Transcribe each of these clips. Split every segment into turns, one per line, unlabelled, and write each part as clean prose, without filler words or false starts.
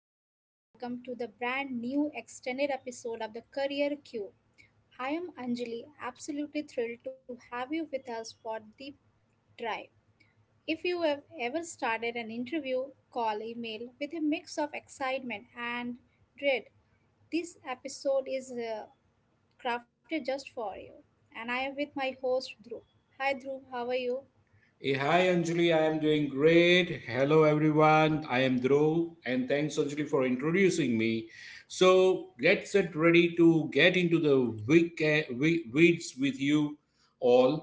massive welcome to the brand new extended episode of the Career Q. I am Anjali, absolutely thrilled to have you with us for Deep Drive. If you have ever started an interview, call, email with a mix of excitement and dread, this episode is crafted just for you. And I am with my host Dhruv. Hi Dhruv, how are you?
Hey, hi Anjali, I am doing great. Hello everyone, I am Dhruv and thanks Anjali for introducing me. So let's get ready to get into the weeds with you all.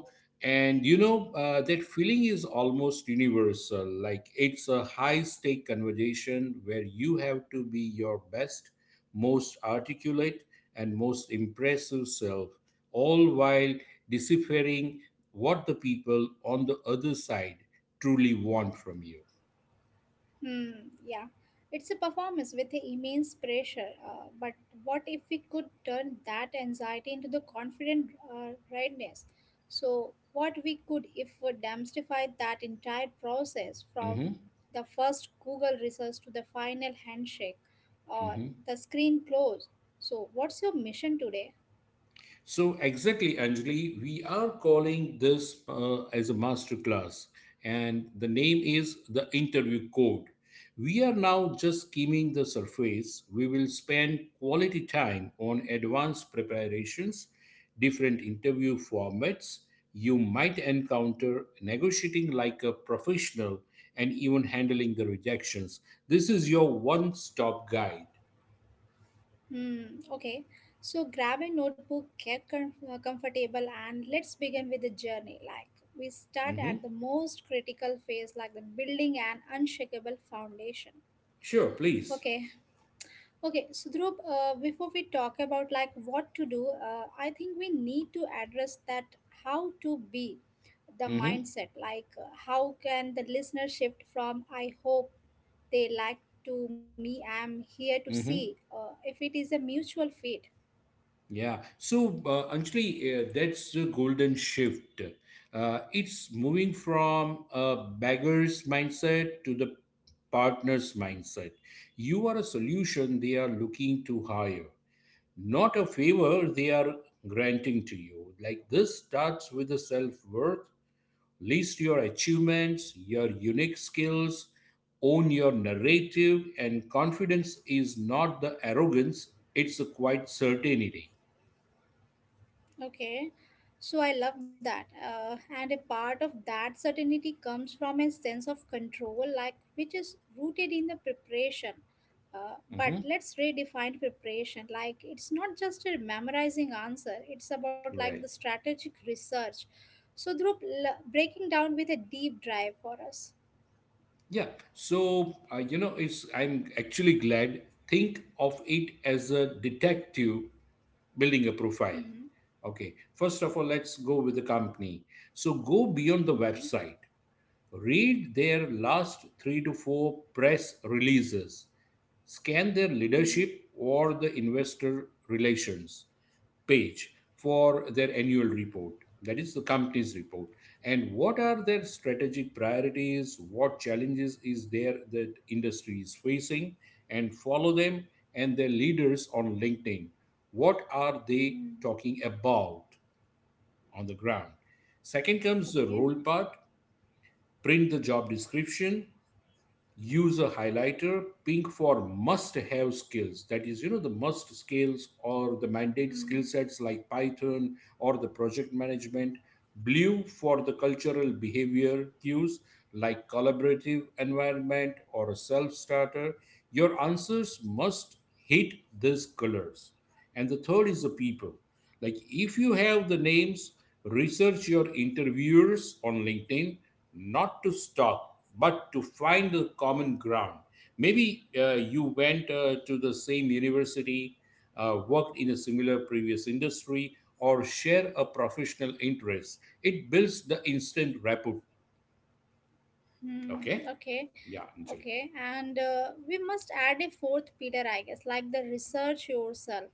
And you know, that feeling is almost universal. Like it's a high stake conversation where you have to be your best, most articulate, and most impressive self, all while deciphering what the people on the other side truly want from you.
Hmm, yeah. It's a performance with immense pressure. But what if we could turn that anxiety into the confident readiness? So, what we could if we demystify that entire process from
hmm
the first Google research to the final handshake or
hmm
the screen close. So, what's your mission today?
So exactly, Anjali, we are calling this as a master class, and the name is the interview code. We are now just skimming the surface. We will spend quality time on advanced preparations, different interview formats you might encounter, negotiating like a professional, and even handling the rejections. This is your one-stop guide.
Hmm, okay. So grab a notebook, get comfortable, and let's begin with the journey. Like we start
Mhm.
at the most critical phase, like the building an unshakable foundation.
Sure, please.
Okay, okay. So Dhruv, before we talk about like what to do, I think we need to address that how to be the
hmm
mindset. Like how can the listener shift from I hope they like to me, I'm here to
hmm
see. If it is a mutual fit.
Yeah. So, Anjali, that's the golden shift. It's moving from a beggar's mindset to the partner's mindset. You are a solution they are looking to hire, not a favor they are granting to you. Like this starts with the self worth, list your achievements, your unique skills, own your narrative, and confidence is not the arrogance, it's a quiet certainty.
Okay, so I love that. And a part of that certainty comes from a sense of control, like which is rooted in the preparation. But
Mm-hmm.
let's redefine preparation. Like it's not just a memorizing answer, it's about like the
Right.
strategic research. So, Dhruv, breaking down with a deep drive for us.
Yeah. So, you know, it's I'm actually glad. Think of it as a detective building a profile.
Mm-hmm.
Okay. First of all, let's go with the company. So go beyond the
Mm-hmm.
website. Read their last three to four press releases. Scan their
Mm-hmm.
leadership or the investor relations page for their annual report, that is the company's report, and what are their strategic priorities, what challenges is there that industry is facing, and follow them and their leaders on LinkedIn, what are they
Mm-hmm.
talking about on the ground. Second comes the
Okay.
role part. Print the job description, use a highlighter pink for must have skills, that is you know the must skills or the mandate skill
Mm-hmm.
sets like Python or the project management, blue for the cultural behavior cues like collaborative environment or a self starter. Your answers must hit these colors. And the third is the people. Like if you have the names, research your interviewers on LinkedIn, not to stalk, but to find the common ground. Maybe you went to the same university, worked in a similar previous industry, or share a professional interest. It builds the instant rapport. Okay?
Mm-hmm. Okay.
Yeah, Anjali.
Okay, and we must add a fourth pillar, I guess, like the research yourself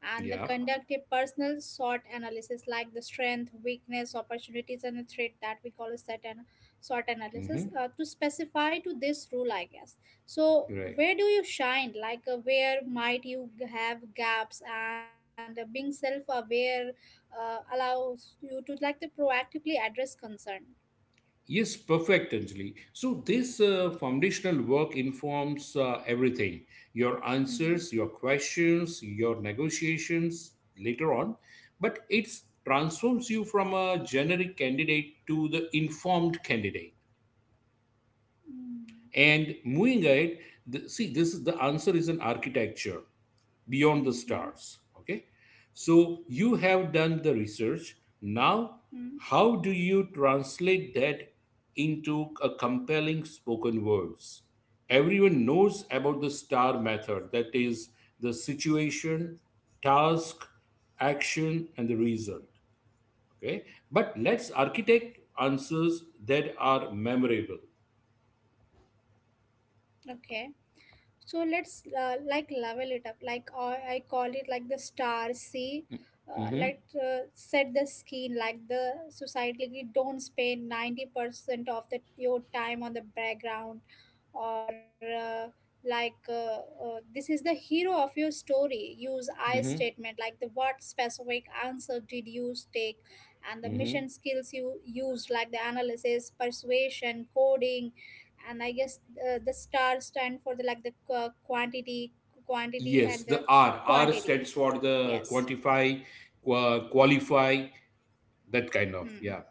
and the
Yeah.
conduct a personal SWOT analysis, like the strength, weakness, opportunities, and the threat that we call a set and SWOT analysis
hmm
to specify to this rule, I guess. So,
Right.
where do you shine? Like, where might you have gaps? And being self aware allows you to like to proactively address concern.
Yes, perfect, Anjali. So, this foundational work informs everything: your
Mm-hmm.
answers, your questions, your negotiations later on, but it transforms you from a generic candidate to the informed candidate.
Mm-hmm.
And moving ahead, see, this is the answer is an architecture beyond the
Mm-hmm.
stars. Okay, so you have done the research, now
Mm-hmm.
how do you translate that into a compelling spoken words. Everyone knows about the star method, that is the situation, task, action and the result. Okay, but let's architect answers that are memorable.
Okay. So let's like level it up, like I call it like the star see,
hmm
let set the skin like the society. Like you don't spend 90% of the your time on the background or like uh, this is the hero of your story. Use I
hmm
statement like the what specific answer did you take and the
hmm
mission skills you used like the analysis persuasion coding. And I guess the stars stand for the like the quantity
Yes,
and the
the R. R
quantity,
stands for the
yes.
quantify, qualify, that kind of.
Hmm.
Yeah.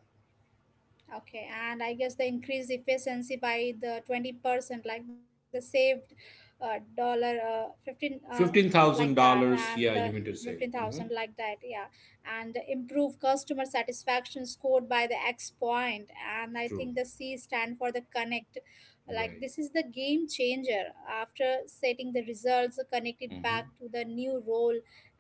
Okay, and I guess the increased efficiency by the 20%, like the saved dollar 15 like that,
$15,000.
and the
Yeah, you mean to say.
15,000 like that, yeah, and improve customer satisfaction scored by the X point, and I
True.
think the C stand for the connect. Like
Right.
this is the game changer. After setting the results, connected
hmm
back to the new role,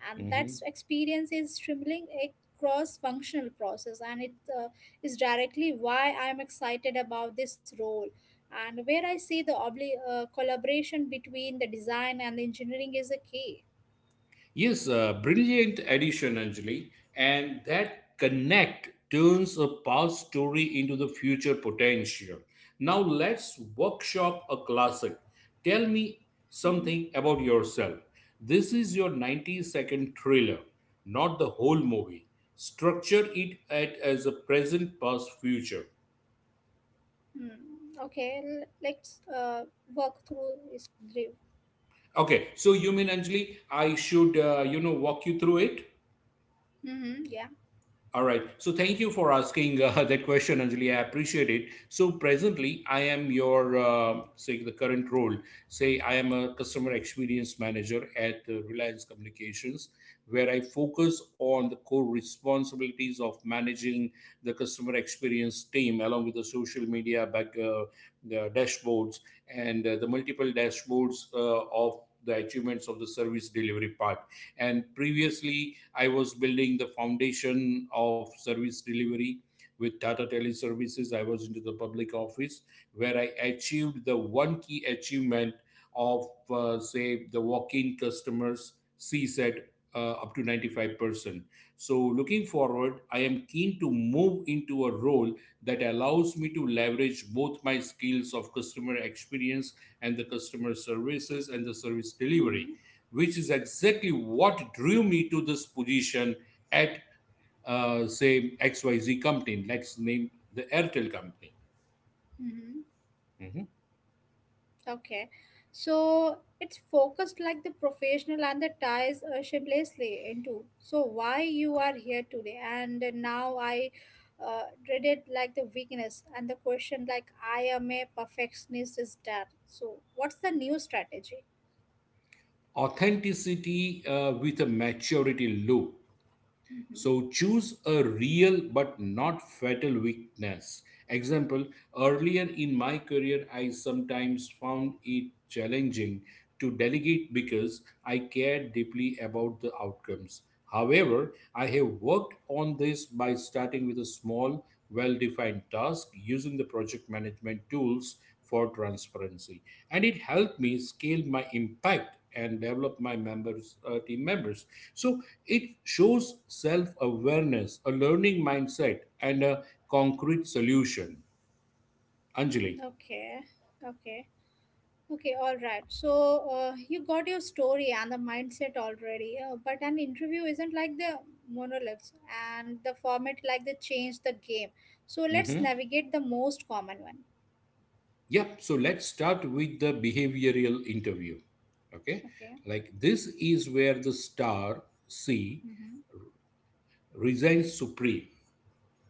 and that
hmm
experience is streaming a cross-functional process, and it is directly why I am excited about this role and where I see the collaboration between the design and the engineering is a key.
Yes, a brilliant addition, Anjali, and that connect turns a past story into the future potential. Now let's workshop a classic. Tell me
Mhm.
something about yourself. This is your 90-second trailer, not the whole movie. Structure it at, as a present, past, future.
Hmm. Okay, let's work through this drill.
Okay, so you mean, Anjali, I should, walk you through it?
Mhm. Yeah.
All right. So thank you for asking that question, Anjali. I appreciate it. So presently, I am your say the current role. Say I am a customer experience manager at Reliance Communications, where I focus on the core responsibilities of managing the customer experience team, along with the social media back the dashboards and the multiple dashboards of the achievements of the service delivery part. And previously I was building the foundation of service delivery with Tata Teleservices. I was into the public office where I achieved the one key achievement of, say, the walk in customers CSAT up to 95%. So, looking forward, I am keen to move into a role that allows me to leverage both my skills of customer experience and the customer services and the service delivery,
Hmm.
which is exactly what drew me to this position at, say, XYZ company. Let's name the Airtel company.
Hmm.
Mhm.
Okay, so it's focused like the professional and the ties shamelessly into. So why you are here today, and now I read it like the weakness and the question like I am a perfectionist is that. So what's the new strategy?
Authenticity with a maturity loop.
Hmm.
So choose a real but not fatal weakness. Example, earlier in my career, I sometimes found it challenging to delegate because I cared deeply about the outcomes. However, I have worked on this by starting with a small, well defined task using the project management tools for transparency. And it helped me scale my impact and develop my members team members. So it shows self awareness, a learning mindset and a concrete solution, Anjali.
Okay, okay. Okay, all right. So you got your story and the mindset already, but an interview isn't like the monologues and the format like the change the game. So let's
Mm-hmm.
navigate the most common one.
Yep. So let's start with the behavioral interview. Okay.
Okay.
Like this is where the star C
Mm-hmm.
resigns supreme.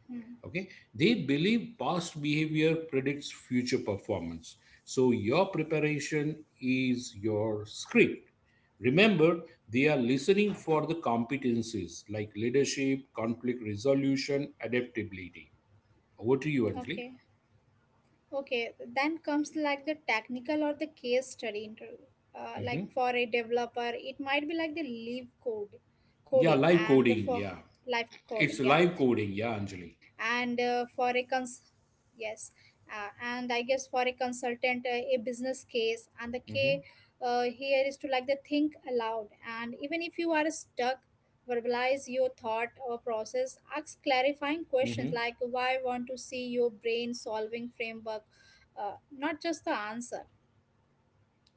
Hmm.
Okay. They believe past behavior predicts future performance. So your preparation is your script. Remember, they are listening for the competencies like leadership, conflict resolution, adaptability. Over to you, Anjali.
Okay. Okay, then comes like the technical or the case study interview. Like
hmm
for a developer, it might be like the live code
Yeah,
coding
live
and
coding.
for
Yeah.
live coding,
It's
yeah.
live coding,
And
yeah, Anjali.
yes, and I guess for a consultant, a business case, and the K,
hmm
here is to like the think aloud. And even if you are stuck, verbalize your thought or process. Ask clarifying questions
hmm
like why want to see your brain solving framework, not just the answer.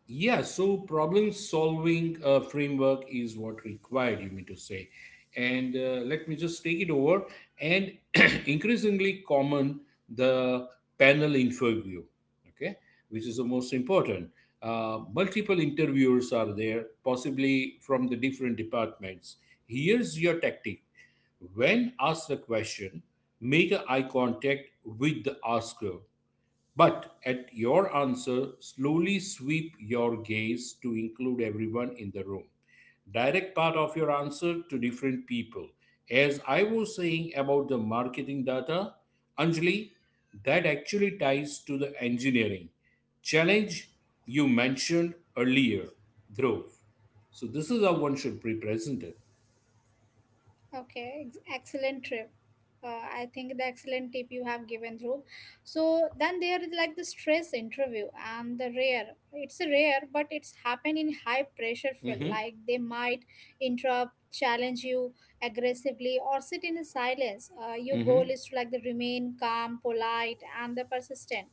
Yeah, so problem solving framework is what required, you mean to say. And let me just take it over. And increasingly common, the panel interview, okay, which is the most important. Multiple interviewers are there, possibly from the different departments. Here's your tactic. When asked a question, make a eye contact with the asker. But at your answer, slowly sweep your gaze to include everyone in the room. Direct part of your answer to different people. As I was saying about the marketing data, Anjali, that actually ties to the engineering challenge you mentioned earlier, Dhruv. So this is how one should be presented.
Okay, excellent trip. Uh, I think the excellent tip you have given, Dhruv. So then there is like the stress interview and the rare. It's rare, but it's happened in high pressure field.
Mm-hmm,
Like they might interrupt, challenge you aggressively, or sit in silence. Your goal
mm-hmm,
is to like the remain calm, polite, and the persistent.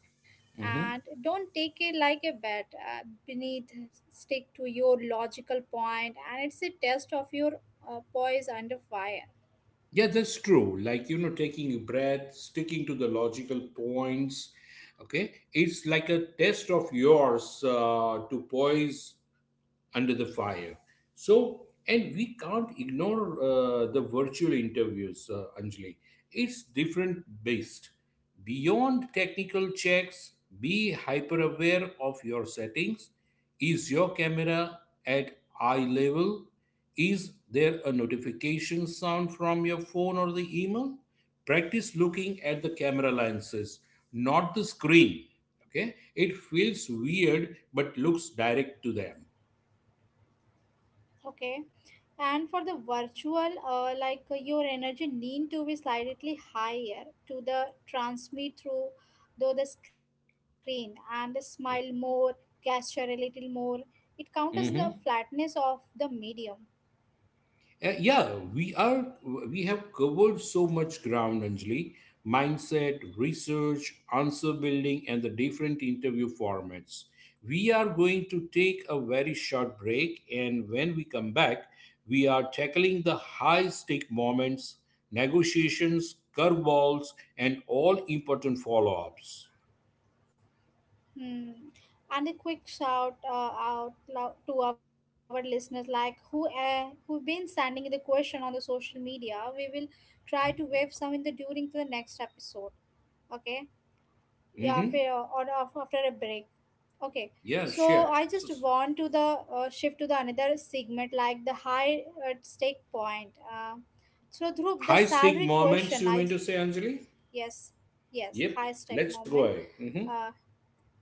mm-hmm.
And don't take it like a bet. Stick to your logical point, and it's a test of your poise under fire.
Yeah, that's true. Like, you know, taking a breath, sticking to the logical points. Okay. It's like a test of yours to poise under the fire. So, and we can't ignore the virtual interviews, Anjali. It's different based. Beyond technical checks, be hyper aware of your settings. Is your camera at eye level? Is there a notification sound from your phone or the email? Practice looking at the camera lenses, not the screen. Okay, it feels weird but looks direct to them.
Okay, and for the virtual, your energy need to be slightly higher to the transmit through though the screen, and smile more, gesture a little more. It counters the
Mm-hmm.
flatness of the medium.
Yeah, we are. We have covered so much ground, Anjali. Mindset, research, answer building, and the different interview formats. We are going to take a very short break, and when we come back, we are tackling the high stake moments, negotiations, curveballs, and all important follow ups.
Hmm. And a quick shout out loud to our listeners, like who been sending the question on the social media. We will try to wave some in the during the next episode. Okay,
Mm-hmm.
after a break. Okay,
Yeah,
so
sure.
I just
So,
want to the shift to the another segment like the high stake point. So through the
high stake
salary
moments,
question
you
I,
mean to say, Anjali?
yes, yes,
Yep,
high stake
let's go ahead.
moment.
Mhm.
uh,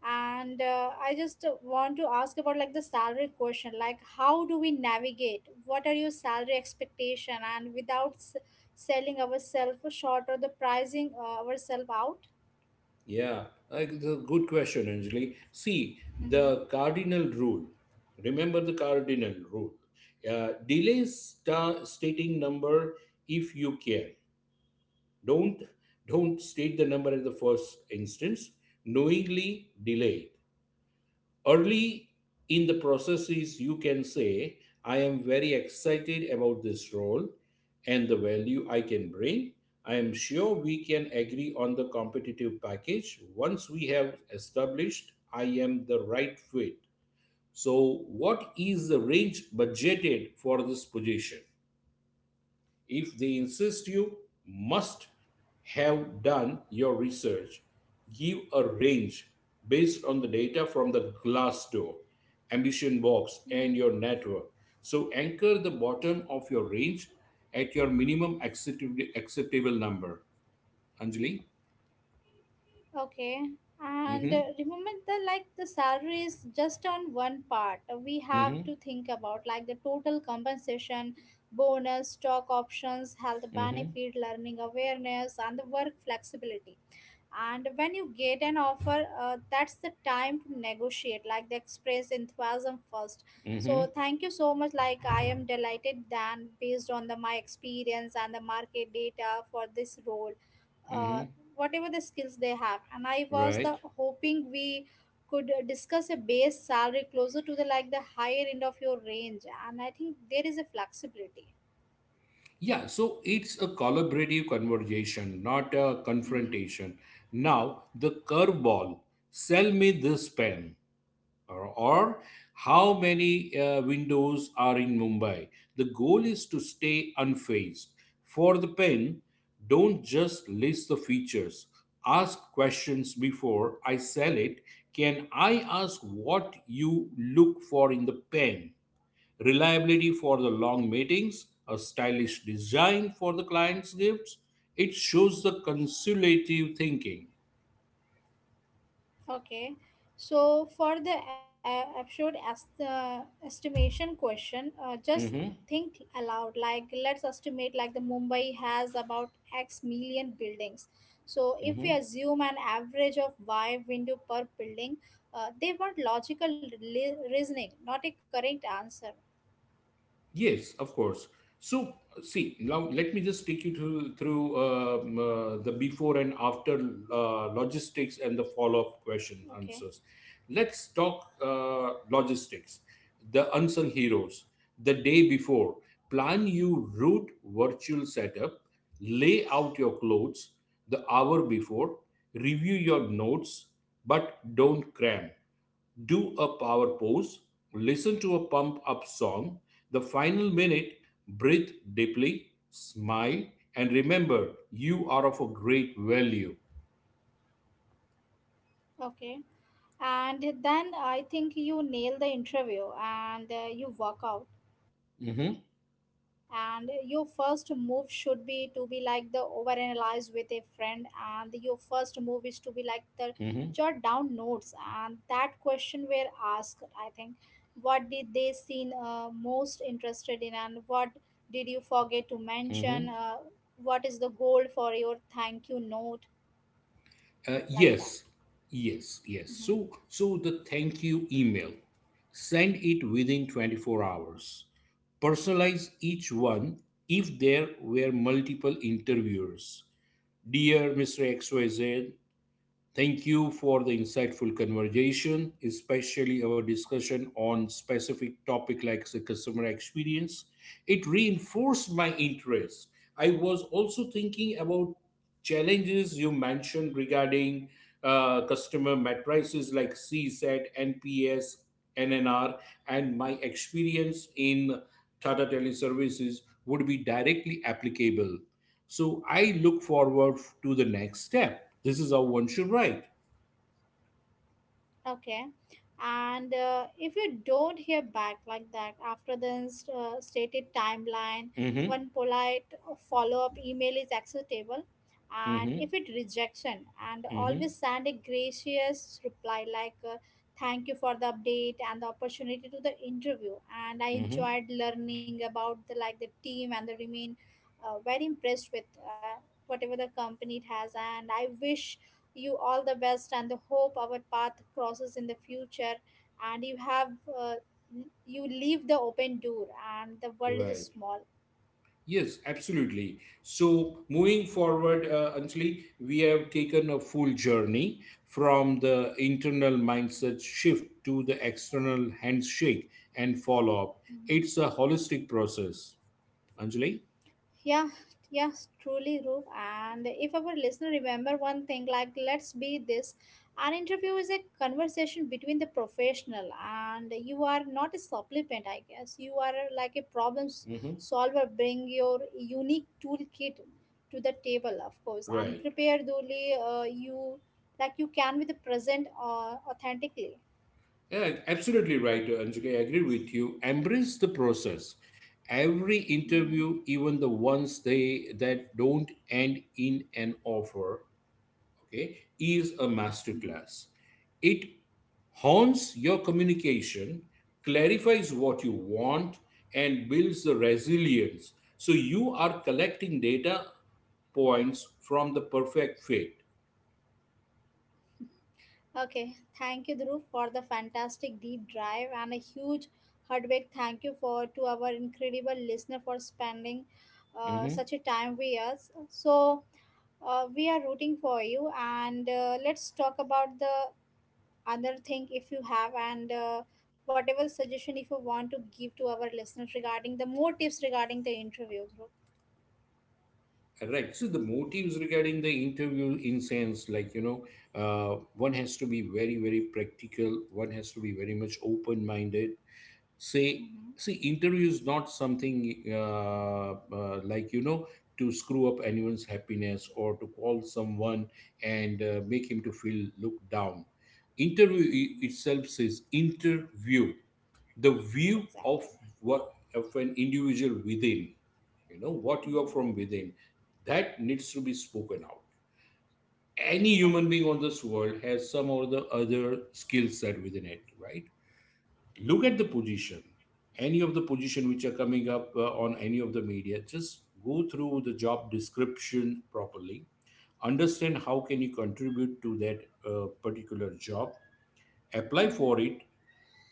and I just want to ask about like the salary question, like how do we navigate what are your salary expectation and without selling ourselves short or the pricing ourselves out.
Yeah, the good question, Anjali. See, the cardinal rule. Remember the cardinal rule. Delay stating number if you can. Don't don't state the number in the first instance. Knowingly delay it early in the processes. You can say, I am very excited about this role and the value I can bring, I am sure we can agree on the competitive package once we have established I am the right fit, so what is the range budgeted for this position. If they insist you must have done your research, give a range based on the data from the Glassdoor, Ambition Box,
Hmm.
and your network. So anchor the bottom of your range at your minimum acceptable number. Anjali?
Okay, and
Mm-hmm.
remember the like the salary is just on one part. We have
Mm-hmm.
to think about like the total compensation, bonus, stock options, health
Mm-hmm.
benefit, learning awareness, and the work flexibility. And when you get an offer, that's the time to negotiate, like the express enthusiasm first. So
Mm-hmm.
thank you so much. Like I am delighted then based on the my experience and the market data for this role, uh,
Mm-hmm.
whatever the skills they have. And I was
Right.
the hoping we could discuss a base salary closer to the like the higher end of your range. And I think there is a flexibility.
Yeah, so it's a collaborative conversation, not a
Mm-hmm.
confrontation. Now, the curveball: sell me this pen, or how many windows are in Mumbai? The goal is to stay unfazed. For the pen, don't just list the features, ask questions before I sell it. Can I ask what you look for in the pen? Reliability for the long meetings, a stylish design for the client's gifts. It shows the consultative thinking.
Okay, so for the absurd as the estimation question, just
Mhm,
think aloud. Like let's estimate like the Mumbai has about X million buildings. So if we
mhm.
assume an average of Y window per building, they want logical reasoning, not a correct answer.
Yes, of course. So, see, now let me just take you through the before and after logistics and the follow-up question
Okay,
answers. Let's talk logistics, the unsung heroes. The day before, plan your route, virtual setup, lay out your clothes. The hour before, review your notes, but don't cram, do a power pose, listen to a pump up song. The final minute, breathe deeply, smile, and remember you are of a great value.
okay. And then I think you nail the interview and you walk out, and
Mhm,
your first move should be to be like the overanalyze with a friend, and your first move is to be like the jot down
mhm,
notes, and that question were asked. I think what did they seem most interested in, and what did you forget to mention,
mhm.
what is the goal for your thank you note,
Uh,
like that.
yes, yes, yes.
Mhm.
So, so the thank you email, send it within 24 hours. Personalize each one if there were multiple interviewers. Dear Mr. XYZ, thank you for the insightful conversation, especially our discussion on specific topic like the customer experience. It reinforced my interest. I was also thinking about challenges you mentioned regarding customer matrices like CSAT, NPS, NNR, and my experience in Tata Teleservices would be directly applicable. So I look forward to the next step. This is how one should write.
Okay. And if you don't hear back like that after the stated timeline,
Mm-hmm.
one polite follow up email is acceptable. And
Mm-hmm.
if it rejection, and
Mm-hmm.
always send a gracious reply like "Thank you for the update and the opportunity to the interview." And I
Mm-hmm.
enjoyed learning about the like the team and the remain very impressed with whatever the company it has. And I wish you all the best and the hope our path crosses in the future, and you have uh, you leave the open door, and the world is
Right.
small.
Yes, absolutely. So moving forward, Anjali, we have taken a full journey from the internal mindset shift to the external handshake and follow up.
Mhm.
It's a holistic process. Anjali?
Yeah, yes, truly, Roop. And if our listener remember one thing, like let's be this, an interview is a conversation between the professional, and you are not a supplement, I guess. You are like a problem
Mm-hmm.
solver. Bring your unique toolkit to the table, of course, and
Right.
prepare the only you like you can with the present authentically.
Yeah, absolutely right, Anjali. I agree with you. Embrace the process. Every
Hmm.
interview, even the ones they that don't end in an offer, okay, is a masterclass. It hones your communication, clarifies what you want, and builds the resilience. So you are collecting data points from the perfect fit.
Okay, thank you, Dhruv, for the fantastic deep drive, and a huge heartbreak thank you for to our incredible listener for spending
Mm-hmm.
such a time with us. So, we are rooting for you, and let's talk about the other thing if you have, and whatever suggestion if you want to give to our listeners regarding the more tips regarding the interview, Dhruv.
Right. So the motives regarding the interview in sense, like, you know, one has to be very, very practical. One has to be very much open-minded. Say,
Mm-hmm.
see, interview is not something like, you know, to screw up anyone's happiness or to call someone and make him to feel looked down. Interview i-
Mm-hmm.
itself says interview, the view of,
Exactly.
what of an individual within, you know, what you are
Mm-hmm.
from within, that needs to be spoken out. Any human
Exactly.
being on this world has some or the other skill set within it, right? Look at
Mm-hmm.
the position, any of the position which are coming up on any of the media. Just go through the job description properly, understand how can you contribute to that particular job, apply for
Mm-hmm.
it,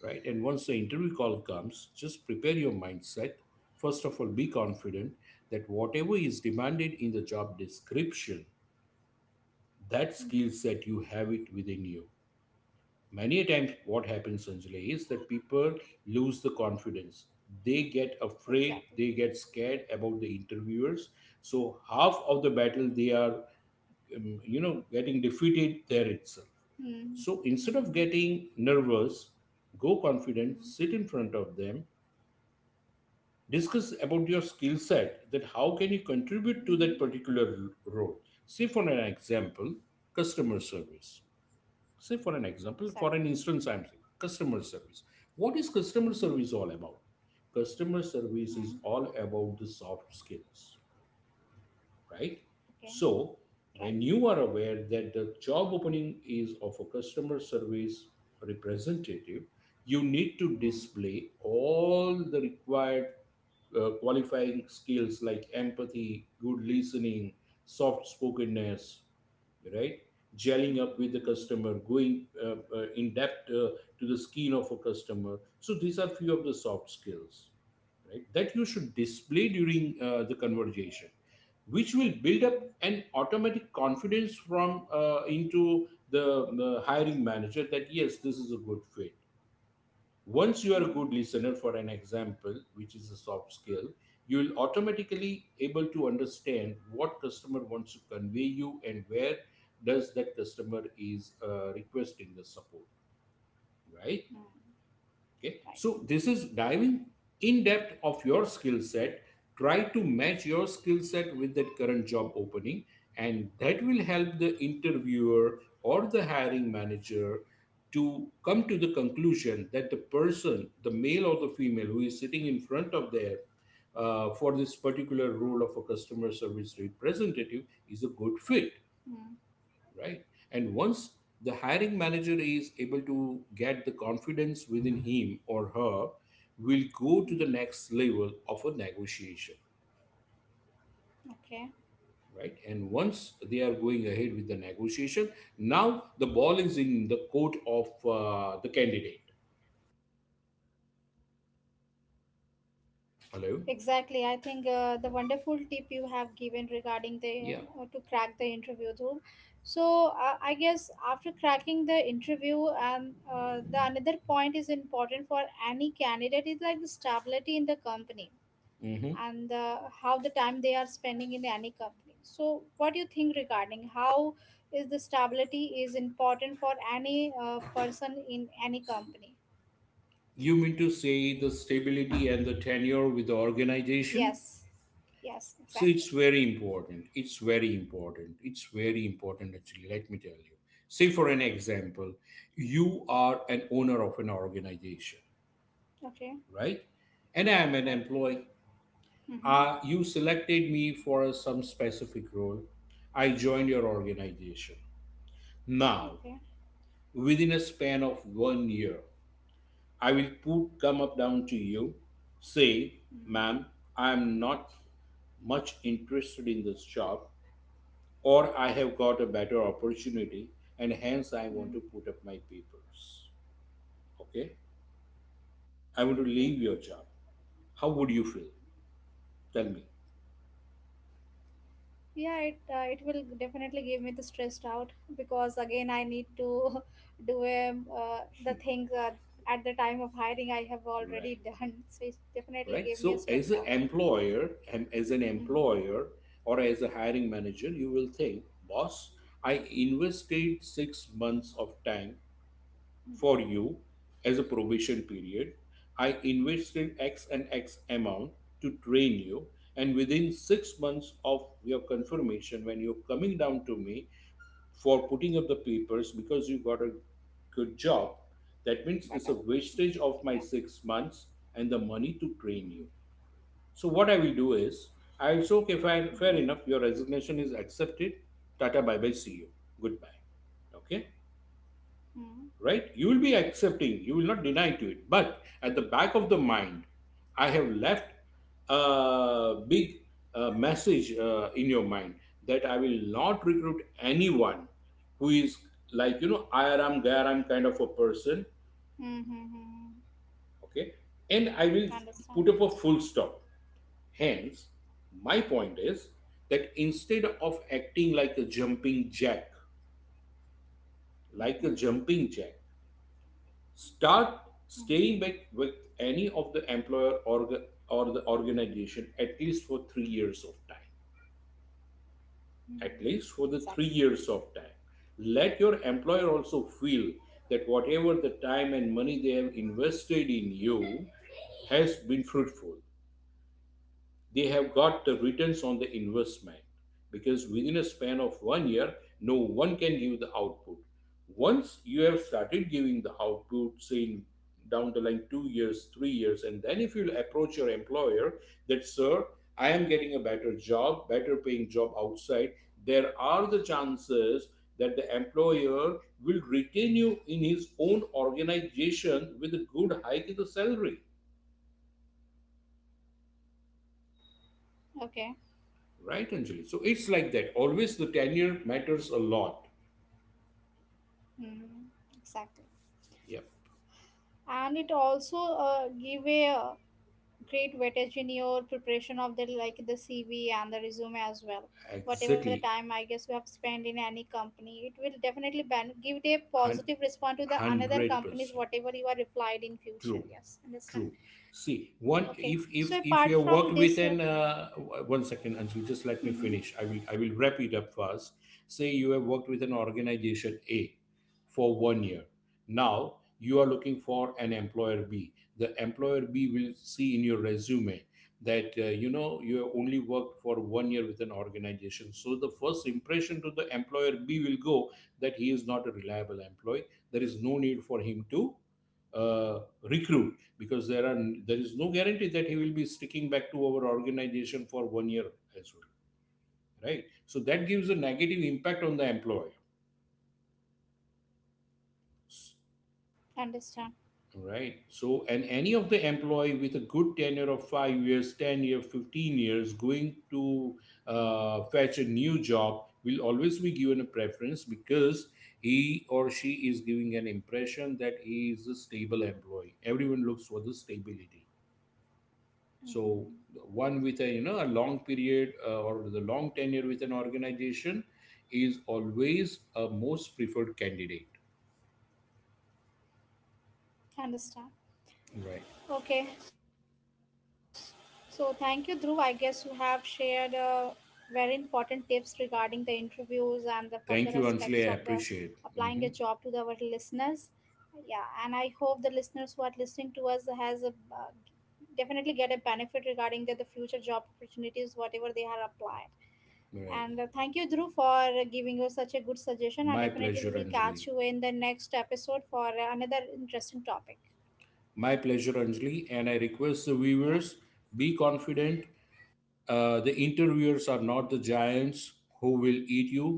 right? And once the interview call comes, just prepare your mindset. First of all, be confident that whatever is demanded in the job description, that skill
Mm-hmm.
set you have it within you. Many a times, what happens, Sanjay, is that people lose the confidence. They get afraid,
Exactly.
they get scared about the interviewers. So half of the battle they are, you know, getting defeated there itself.
Mm.
So instead of
Mm-hmm.
getting nervous, go confident,
Mm.
sit in front of them, discuss about your skill set that how can you contribute to that
Mm-hmm.
particular role, say for an example, customer service. Say for an example, for
Exactly.
an instance, I'm saying customer service. What is customer
Mm-hmm.
service all about? Customer service
Mm.
is all about the soft skills, right?
Okay.
So
Right.
when you are aware that the job opening is of a customer service representative, you need to
Mm.
display all the required qualifying skills like empathy, good listening, soft spokenness, right?
Mm.
Gelling up with the
Mm.
customer, going in depth to the skin of a customer. So these are few of the soft skills, right? That you should display during the conversation, which will build up
Mm.
an automatic confidence from into the hiring manager that yes, this is a good fit. Once you are
Mm.
a
Mm.
good listener, for an example, which is a soft skill, you will automatically able to understand what customer wants to convey you and where does that customer is requesting the support, right?
Mm.
Okay,
Right.
so this is diving in depth of your skill set. Try to match your skill set with that current job opening, and that will help the interviewer or the hiring manager to come to the conclusion that the person, the male or the female, who is sitting in front of there for this particular role of a customer service representative is a good fit,
Mm.
right? And once the hiring manager is able to get the confidence within him or her, will go to
Mm.
the next level of a negotiation,
Okay.
right? And once they are going ahead with the negotiation, now the ball is in the court of the candidate. Hello?
Exactly. I think the wonderful tip you have given regarding the
Yeah.
to crack the interview room. So I guess after cracking the interview, and the another point is important for any candidate is like the stability in the company
Hmm.
and the, how the time they are spending in any company. So what do you think regarding how is the stability is important for any person in any company?
You mean to say the stability and the tenure with the organization?
Yes, yes,
So it's
exactly.
very important. It's very important. It's very important, actually. Let me tell you. Say, for an example, you are an owner of an organization,
Okay.
right? And I'm an
Right.
employee.
Mm-hmm.
You selected me for some specific role. I joined your organization. Now,
Okay.
within a span of 1 year, I will put come up down to you, say,
Mm-hmm.
ma'am, I am not much interested in this job, or I have got a better opportunity and hence I want to
Mm-hmm.
put up my papers. Okay? I want to
Okay.
leave your job. How would you feel? Tell me.
Yeah, it, it will definitely give me the stressed out, because again I need to do the thing, at the time of hiring I have already
Right.
done. So it definitely
Right.
gave me a
So as
stressed
an
out.
employer,
Mm-hmm.
or as a hiring manager, you will think, boss, I invested 6 months of time
Mm-hmm.
for you as a probation period. I invested X and X amount to train you, and within 6 months of your confirmation, when you're coming down to me for putting up the papers because you got a good job, that means it's a
Better
wastage
opportunity,
of
yeah.
my 6 months and the money to train
Mm-hmm.
you. So, what I will do is, I'll say, okay, fair enough, your resignation is accepted. Tata, bye bye, see you. Goodbye. Okay?
Mm-hmm.
Right? You will be accepting, you will not deny to it. But at the back of the mind, I have left a big message in your mind that I will not recruit anyone who is, like, you know, I am, there am kind of a person,
Mm-hmm. Mm-hmm.
okay? And I will put
Understand.
up a full stop. Hence, my point is that instead of acting like a jumping jack, like a
Mm-hmm.
jumping jack, start
Mm-hmm.
staying back with any of the employer or the organization at least for 3 years of time. At least for
Mm-hmm.
the three
Exactly.
years of time. Let your employer also feel that whatever the time and money they have invested in you has been fruitful, they have got the returns on the investment, because within a span of 1 year, no one can give the output. Once you have started giving the output, say in down the line 2 years, 3 years, and then if you approach your employer that, sir, I am getting a better job, better paying job outside, there are the chances that the employer will retain you in his own organization with a good hike in the salary.
Okay.
Right, Anjali. So it's like that. Always the tenure matters a lot.
Mm-hmm. Exactly.
Yep,
And it also give a great weightage in your preparation of the like the CV and the resume as well. Whatever the
exactly.
time I guess you have spent in any company, it will definitely give it a
One
positive response to the another
Hundred
companies
percent
whatever you are replied in future.
true.
Yes, understand.
True. See,
Okay.
one,
So
if
apart
if if
from
you have
this,
worked with an 1 second, Anjali, just let
Mm-hmm.
me finish. I will wrap it up fast. Say you have worked with an organization A for 1 year. Now you are looking for an employer B. The employer B will see in your resume that you know, you have only worked for 1 year with an organization. So the first impression to the employer B will go that he is not a reliable employee. There is no need for him to recruit, because there is no guarantee that he will be sticking back to our organization for 1 year as well, right? So that gives a negative impact on the employer. S-,
Understand.
right? So, and any of the employee with a good tenure of 5 years, 10 years, 15 years going to fetch a new job will always be given a preference, because he or she is giving an impression that he is a stable employee. Everyone looks for the stability. So
Mm-hmm.
one with a, you know, a long period or the long tenure with an organization is always a most preferred candidate,
Understand.
right?
Okay. So thank you, Dhruv. I guess you have shared very important tips regarding the interviews and the further aspects of the
Thank you, Anjali, I
applying a
appreciate.
job to the, our
Hmm.
listeners. Yeah, and I hope the listeners who are listening to us has a, definitely get a benefit regarding the future job opportunities, whatever they are applying.
Right,
And thank you, Dhruv, for giving us such a good suggestion. And
my
definitely, we
pleasure,
will
Anjali.
catch you in the next episode for another interesting topic.
My pleasure, Anjali, and I request the
Yeah.
viewers, be confident. The interviewers are not the giants who will eat you.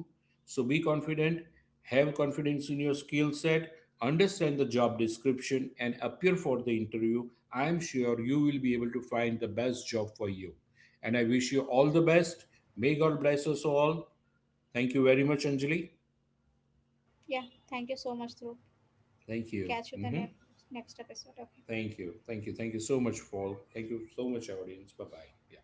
So be confident, have confidence in your skill set, understand the job description, and appear for the interview. I am sure you will be able to find the best job for you. And I wish you all the best. May God bless us all. Thank you very much, Anjali.
Yeah. Thank you so much, Dhruv.
Thank you.
Catch you the
Mhm.
next episode. Okay.
Thank you. Thank you. Thank you so much, Paul. Thank you so much, audience. Bye bye.